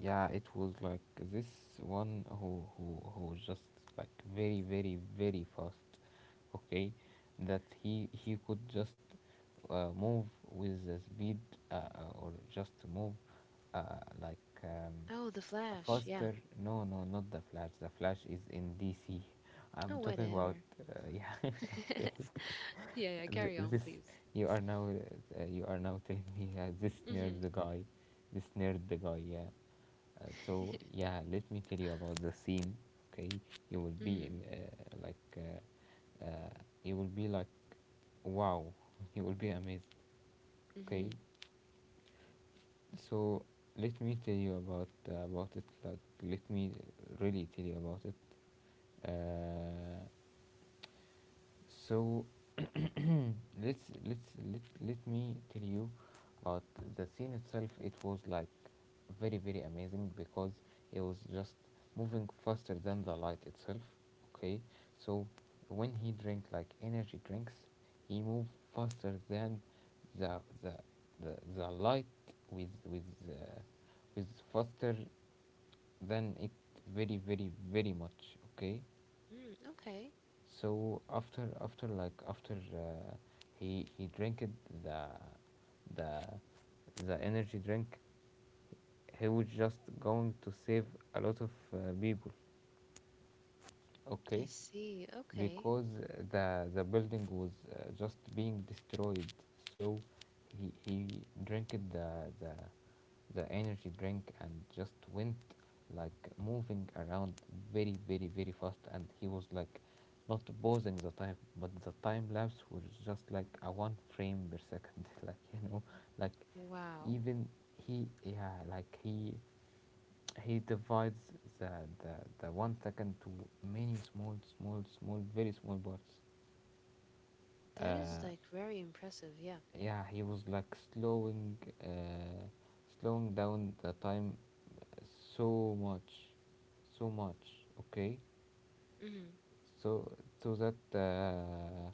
A: Yeah, it was like this one who who was just like very very very fast. Okay, that he could just move with the speed, or just move uh, like um,
B: Oh, the Flash. Yeah.
A: faster. No, no, not the Flash. The Flash is in DC. I'm
B: Oh,
A: talking about
B: whatever.
A: yeah. Okay.
B: Yeah, yeah.
A: Th-
B: Carry on,
A: this
B: please.
A: you are now you are now telling me this nerd
B: Mhm.
A: the guy, this nerd the guy. Yeah. So yeah, let me tell you about the scene. Okay, you will be
B: Mhm.
A: you will be like wow, you will be amazed. Okay,
B: Mhm.
A: so let me tell you about it. Like let me really tell you about it. Uh, so let's let me tell you about the scene itself. It was like very very amazing because it was just moving faster than the light itself. Okay, so when he drank like energy drinks, he moved faster than the the the light, with uh, with faster than it, very very very much. Okay,
B: Mm, okay.
A: so after he drank it, the the the energy drink, he was just going to save a lot of people.
B: I
A: Okay,
B: see. Okay.
A: because the building was just being destroyed. So he drank it, the energy drink, and just went like moving around very very very fast, and he was like not pausing the time, but the time lapse was just like a one frame per second. Like,
B: Wow.
A: even he, yeah, like he divides the the, the 1 second to many small small small very small parts.
B: That is
A: uh
B: like very impressive. Yeah.
A: yeah he was like slowing, uh slowing down the time so much, so much. Okay,
B: Mhm.
A: so so that uh,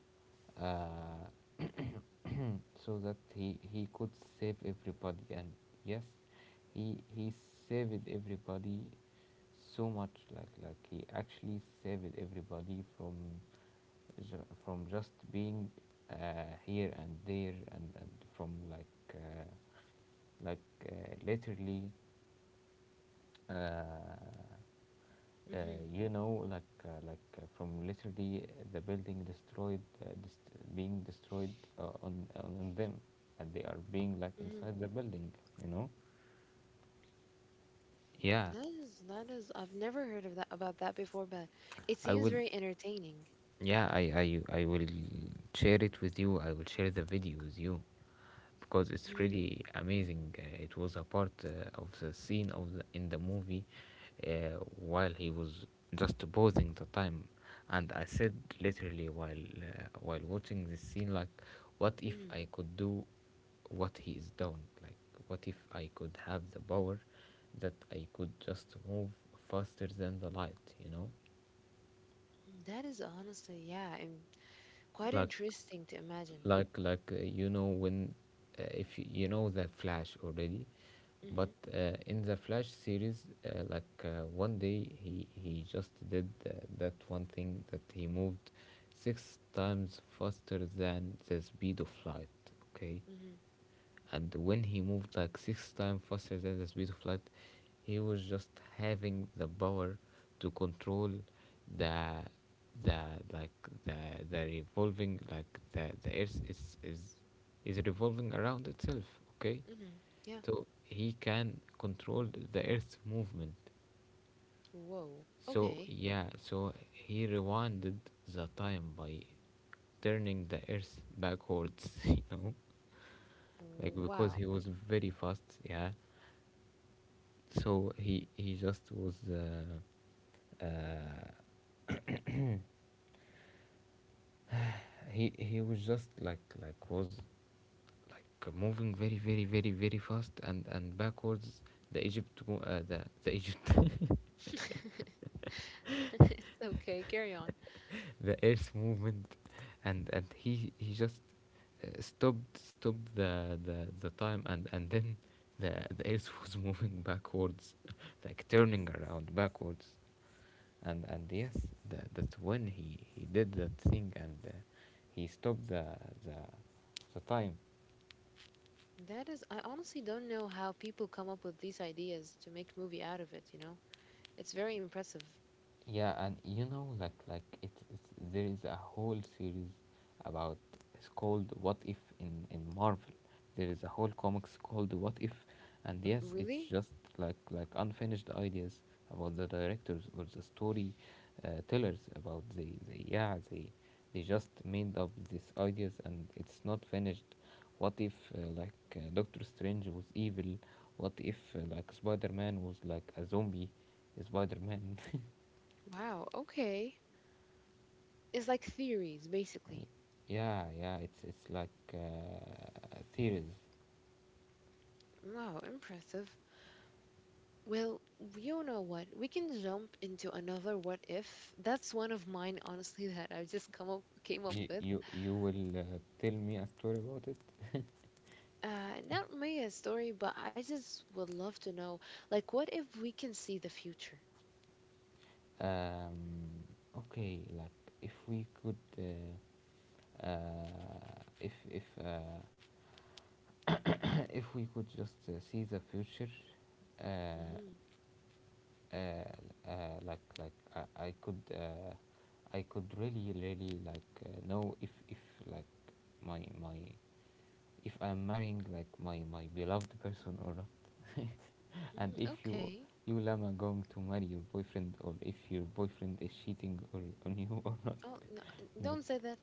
A: uh, so that he could save everybody, and yes, he saved everybody so much. Like he actually saved everybody from from just being here and there, and from like like literally. Uh, Uh,
B: Mhm.
A: you know, like from literally the building destroyed, being destroyed on them, and they are being like
B: Mhm.
A: inside the building. You know. Yeah,
B: That is, that is, I've never heard of that about that before, but it
A: I
B: seems
A: will.
B: very entertaining.
A: Yeah, I will share it with you. I will share the video with you because it's
B: Mhm.
A: really amazing. It was a part of the scene of in the movie, while he was just pausing the time, and I said literally while watching this scene, like, what if
B: Mhm.
A: I could do what he is doing? Like, what if I could have the power that I could just move faster than the light? You know,
B: That is honestly, yeah, and quite
A: like
B: interesting to imagine.
A: you know when, if you, you know the flash already, but
B: Mhm.
A: in the flash series, one day he just did that one thing that he moved 6 times faster than the speed of light. Okay.
B: Mhm.
A: And when he moved like 6 times faster than the speed of light, he was just having the power to control the the like the the revolving, like the earth is is revolving around itself. Okay.
B: Mhm. Yeah.
A: So he can control the earth's movement.
B: Whoa.
A: So
B: Okay.
A: yeah, so he rewinded the time by turning the earth backwards. You know, like because
B: Wow.
A: he was very fast, yeah. So he just was uh, he was just like was like moving very very very very fast and backwards, the egypt,
B: It's okay, carry on.
A: the earth movement. And he just stopped the time, and then the the earth was moving backwards, like
B: Mhm.
A: turning around backwards. And yes, that when he did that thing, and he stopped the the time.
B: That is, I honestly don't know how people come up with these ideas to make movie out of it, you know? It's very impressive.
A: Yeah, and you know, like it's there is a whole series about, it's called What If in in Marvel. There is a whole comics called What If, and yes, it's
B: Really?
A: just like unfinished ideas about the directors or the story tellers, about the they just made up these ideas and it's not finished. What if Doctor Strange was evil? What if Spider Man was like a zombie? Spider Man.
B: Wow, okay. It's like theories, basically.
A: Yeah, yeah, it's like theories.
B: Wow, impressive. Well, you know what? We can jump into another what if. That's one of mine, honestly, that I just come up came up
A: You
B: with.
A: you will tell me a story about it.
B: Not me a story, but I just would love to know, like, what if we can see the future?
A: Um okay like if we could, if if we could just see the future, uh, I could, I could really really like know if like my if I'm marrying like my beloved person or not. And
B: Mm,
A: if you,
B: okay.
A: you, Llama, going to marry your boyfriend, or if your boyfriend is cheating or on you or not,
B: Oh, no,
A: like
B: don't say that.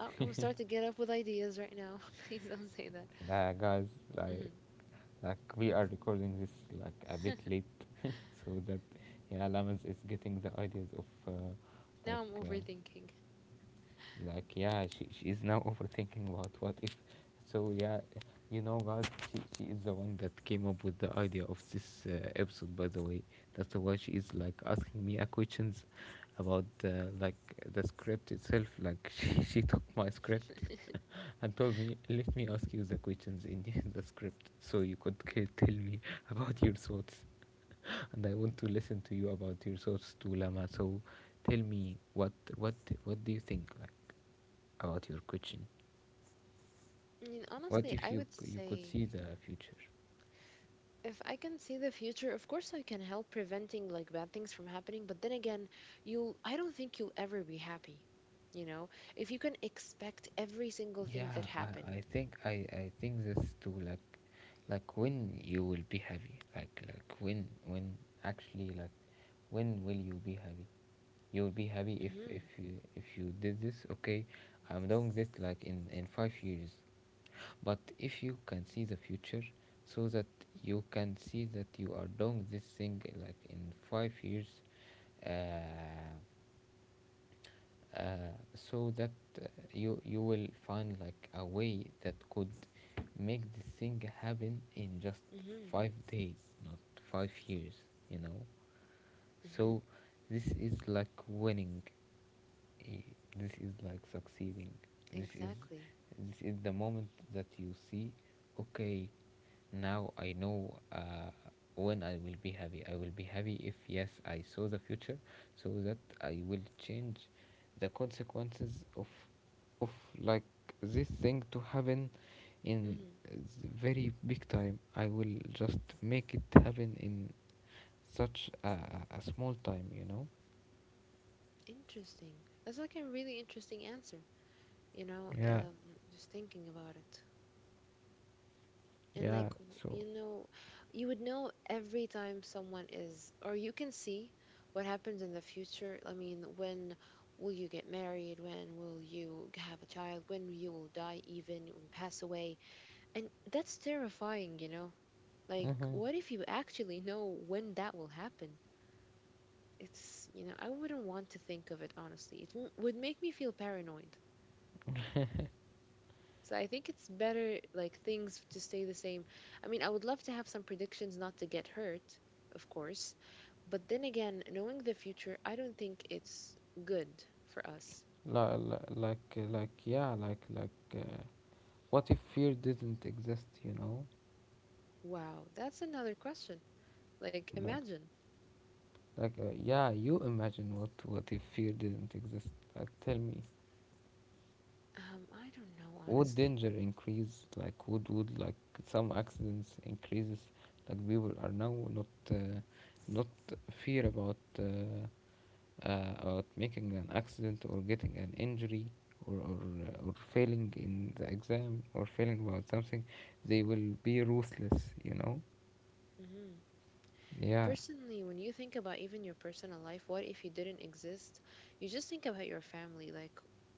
B: I'm gonna start to get up with ideas right now. Please don't say that.
A: nah, guys, like
B: Hmm.
A: like we are recording this like a bit late. So that, yeah, Lamas is getting the ideas of
B: Now
A: like
B: I'm
A: uh,
B: overthinking.
A: like, yeah, she is now overthinking about what if. So, yeah, you know, God, she is the one that came up with the idea of this episode, by the way. That's why she is like asking me questions about, like the script itself. Like, she took my script and told me, let me ask you the questions in the script so you could tell me about your thoughts. And I want to listen to you about your thoughts too, Lama. So, tell me what what do you think like about your question?
B: I mean,
A: What
B: honestly,
A: if
B: I
A: you,
B: would
A: you could
B: say,
A: see the future?
B: if I can see the future, of course I can help preventing like bad things from happening. But then again, you, I don't think you'll ever be happy. You know, if you can expect every single thing that
A: Yeah,
B: happened.
A: I, I think this too. Like when you will be happy. Like when, actually, like when will you be happy? You will be happy if
B: Mm-hmm.
A: if you did this. Okay, I'm doing this like in 5 years. But if you can see the future, so that you can see that you are doing this thing like in 5 years, uh, so that, uh, you you will find like a way that could make this thing happen in just
B: Mm-hmm.
A: 5 days, not 5 years. You know,
B: Mm-hmm.
A: so this is like winning, this is like succeeding, this is
B: Exactly.
A: this is the moment that you see. Okay, now I know, when I will be happy. I will be happy if, yes, I saw the future, so that I will change the consequences of of like this thing to happen in,
B: Mm-hmm.
A: uh, very big time. I will just make it happen in such a small time, you know.
B: Interesting. That's like a really interesting answer. You know,
A: Yeah
B: just thinking about it, and like
A: yeah so
B: you know, you would know every time someone is, or you can see what happens in the future. I mean, when will you get married, when will you have a child, when you will die even and pass away, and that's terrifying, you know. Like,
A: Uh-huh.
B: what if you actually know when that will happen? It's, you know, I wouldn't want to think of it honestly. It would make me feel paranoid. So I think it's better like things to stay the same. I mean, I would love to have some predictions not to get hurt, of course, but then again, knowing the future, I don't think it's good for us.
A: Li- li- like yeah like What if fear didn't exist, you know?
B: Wow, that's another question. Like
A: like
B: imagine.
A: yeah, you imagine, what if fear didn't exist? Like, tell me,
B: I don't know
A: would
B: honestly.
A: danger increase? Like would like some accidents increases? Like people are now not uh, not fear about, about making an accident or getting an injury, or failing in the exam, or failing about something. They will be ruthless, you know.
B: Mm-hmm.
A: Yeah,
B: Personally, when you think about even your personal life, what if you didn't exist? You just think about your family. Like,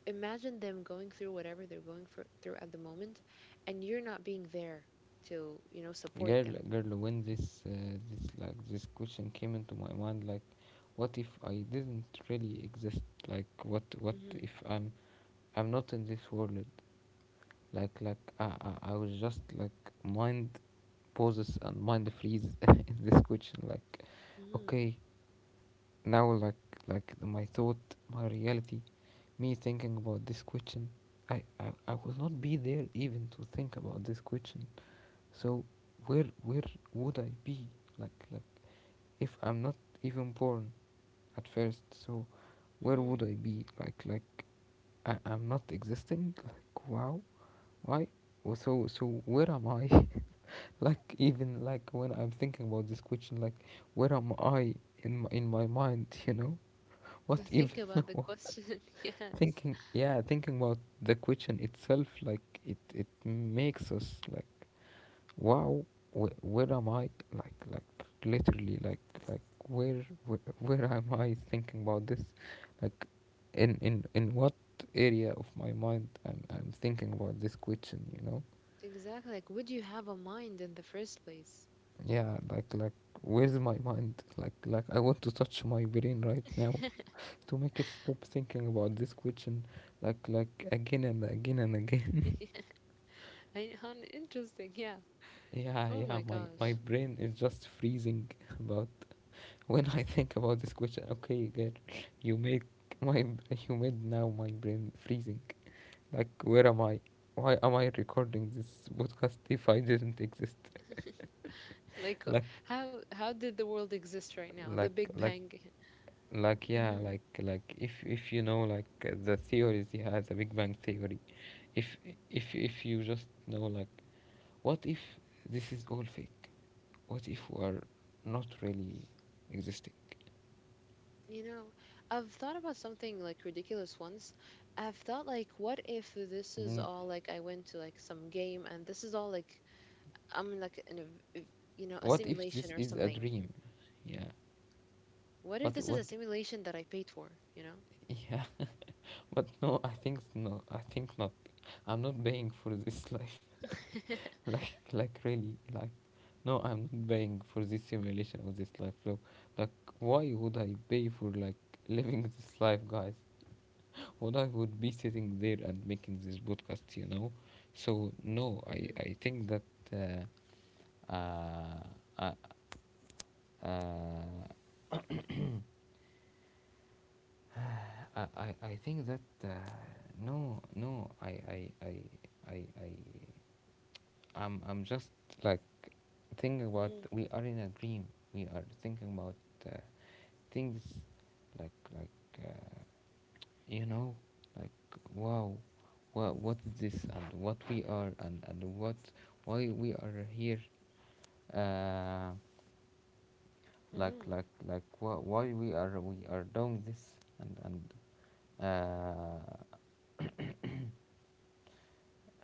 B: imagine them going through whatever they're going for, through at the moment, and you're not being there to, you know, support
A: girl,
B: them.
A: girl, when this, this question came into my mind, like, what if I didn't really exist? Like, what
B: Mm-hmm.
A: if I'm, I'm not in this world? Like I was just like mind pauses and mind freeze in this question. Like,
B: Mm-hmm.
A: okay, now like my thought, my reality, me thinking about this question, I will not be there even to think about this question. So where would I be? Like if I'm not even born at first, so where
B: Mm-hmm.
A: would I be? Like I, I'm not existing? Like wow, why? Well, so so where am I? Like, even like when I'm thinking about this question, like where am I in in my mind? You know
B: To
A: what
B: think
A: even.
B: about the question, yes.
A: Thinking, yeah, thinking about the question itself, like it makes us like wow, where am I? Like literally, like where am I thinking about this? Like in what area of my mind I'm thinking about this question, you know?
B: Exactly. Like, would you have a mind in the first place?
A: Yeah, like where's my mind? Like I want to touch my brain right now to make it stop thinking about this question, like again and again and again.
B: Interesting. Yeah.
A: Yeah,
B: Oh
A: yeah,
B: my
A: my
B: gosh.
A: brain is just freezing about, when I think about this question. Okay, girl, you make my you made now my brain freezing. Like, where am I? Why am I recording this podcast if I didn't exist?
B: Like,
A: Like,
B: how did the world exist right now? The
A: like,
B: Big
A: like,
B: Bang.
A: like, yeah, if you know like the theories he has, the Big Bang theory. If if you just know like, what if this is all fake? What if we are not really existing?
B: You know, I've thought about something like ridiculous once. I've thought like, what if this is
A: Mm,
B: all like I went to like some game and this is all like I'm in like in a you know, a
A: what if
B: simulation
A: this
B: or
A: is a
B: something.
A: dream? Yeah.
B: What if
A: What
B: this is
A: what
B: a simulation that I paid for? You know.
A: Yeah, but no, I think, no, I think not. I'm not paying for this life. Like really, like, no, I'm not paying for this simulation of this life. Look, like, why would I pay for like living this life, guys? What, I would be sitting there and making this podcast, you know? So no, I
B: Mhm.
A: I think that, uh, uh, uh, uh I think that, no no I I I'm just like thinking about,
B: Mhm.
A: we are in a dream. We are thinking about, uh, things like, uh, you know, like wow, what is this and what we are, and what, why we are here. Uh,
B: Mhm.
A: why we are, we are doing this, and and uh,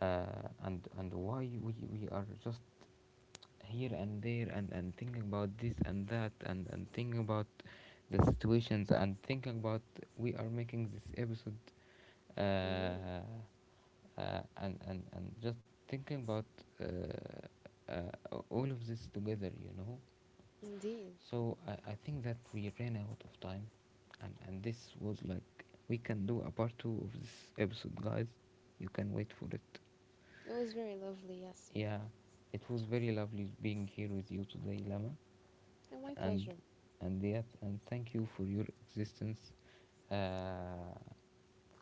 A: and why we are just here and there, and thinking about this and that, and thinking about the situations, and thinking about, we are making this episode, uh,
B: Mhm.
A: and just thinking about, all of this together, you know.
B: Indeed,
A: So I think that we ran out of time, and this was like, we can do a part 2 of this episode, guys. You can wait for it.
B: it was very lovely. Yes,
A: Yeah, it was very lovely being here with you today, Lama.
B: and my
A: and
B: pleasure.
A: and yes, and thank you for your existence, uh,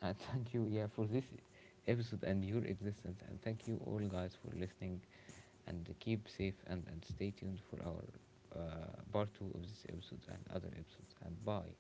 A: and thank you, yeah, for this episode, and your existence, and thank you all, guys, for listening, and keep safe, and stay tuned for our part 2 of this episode and other episodes. And bye.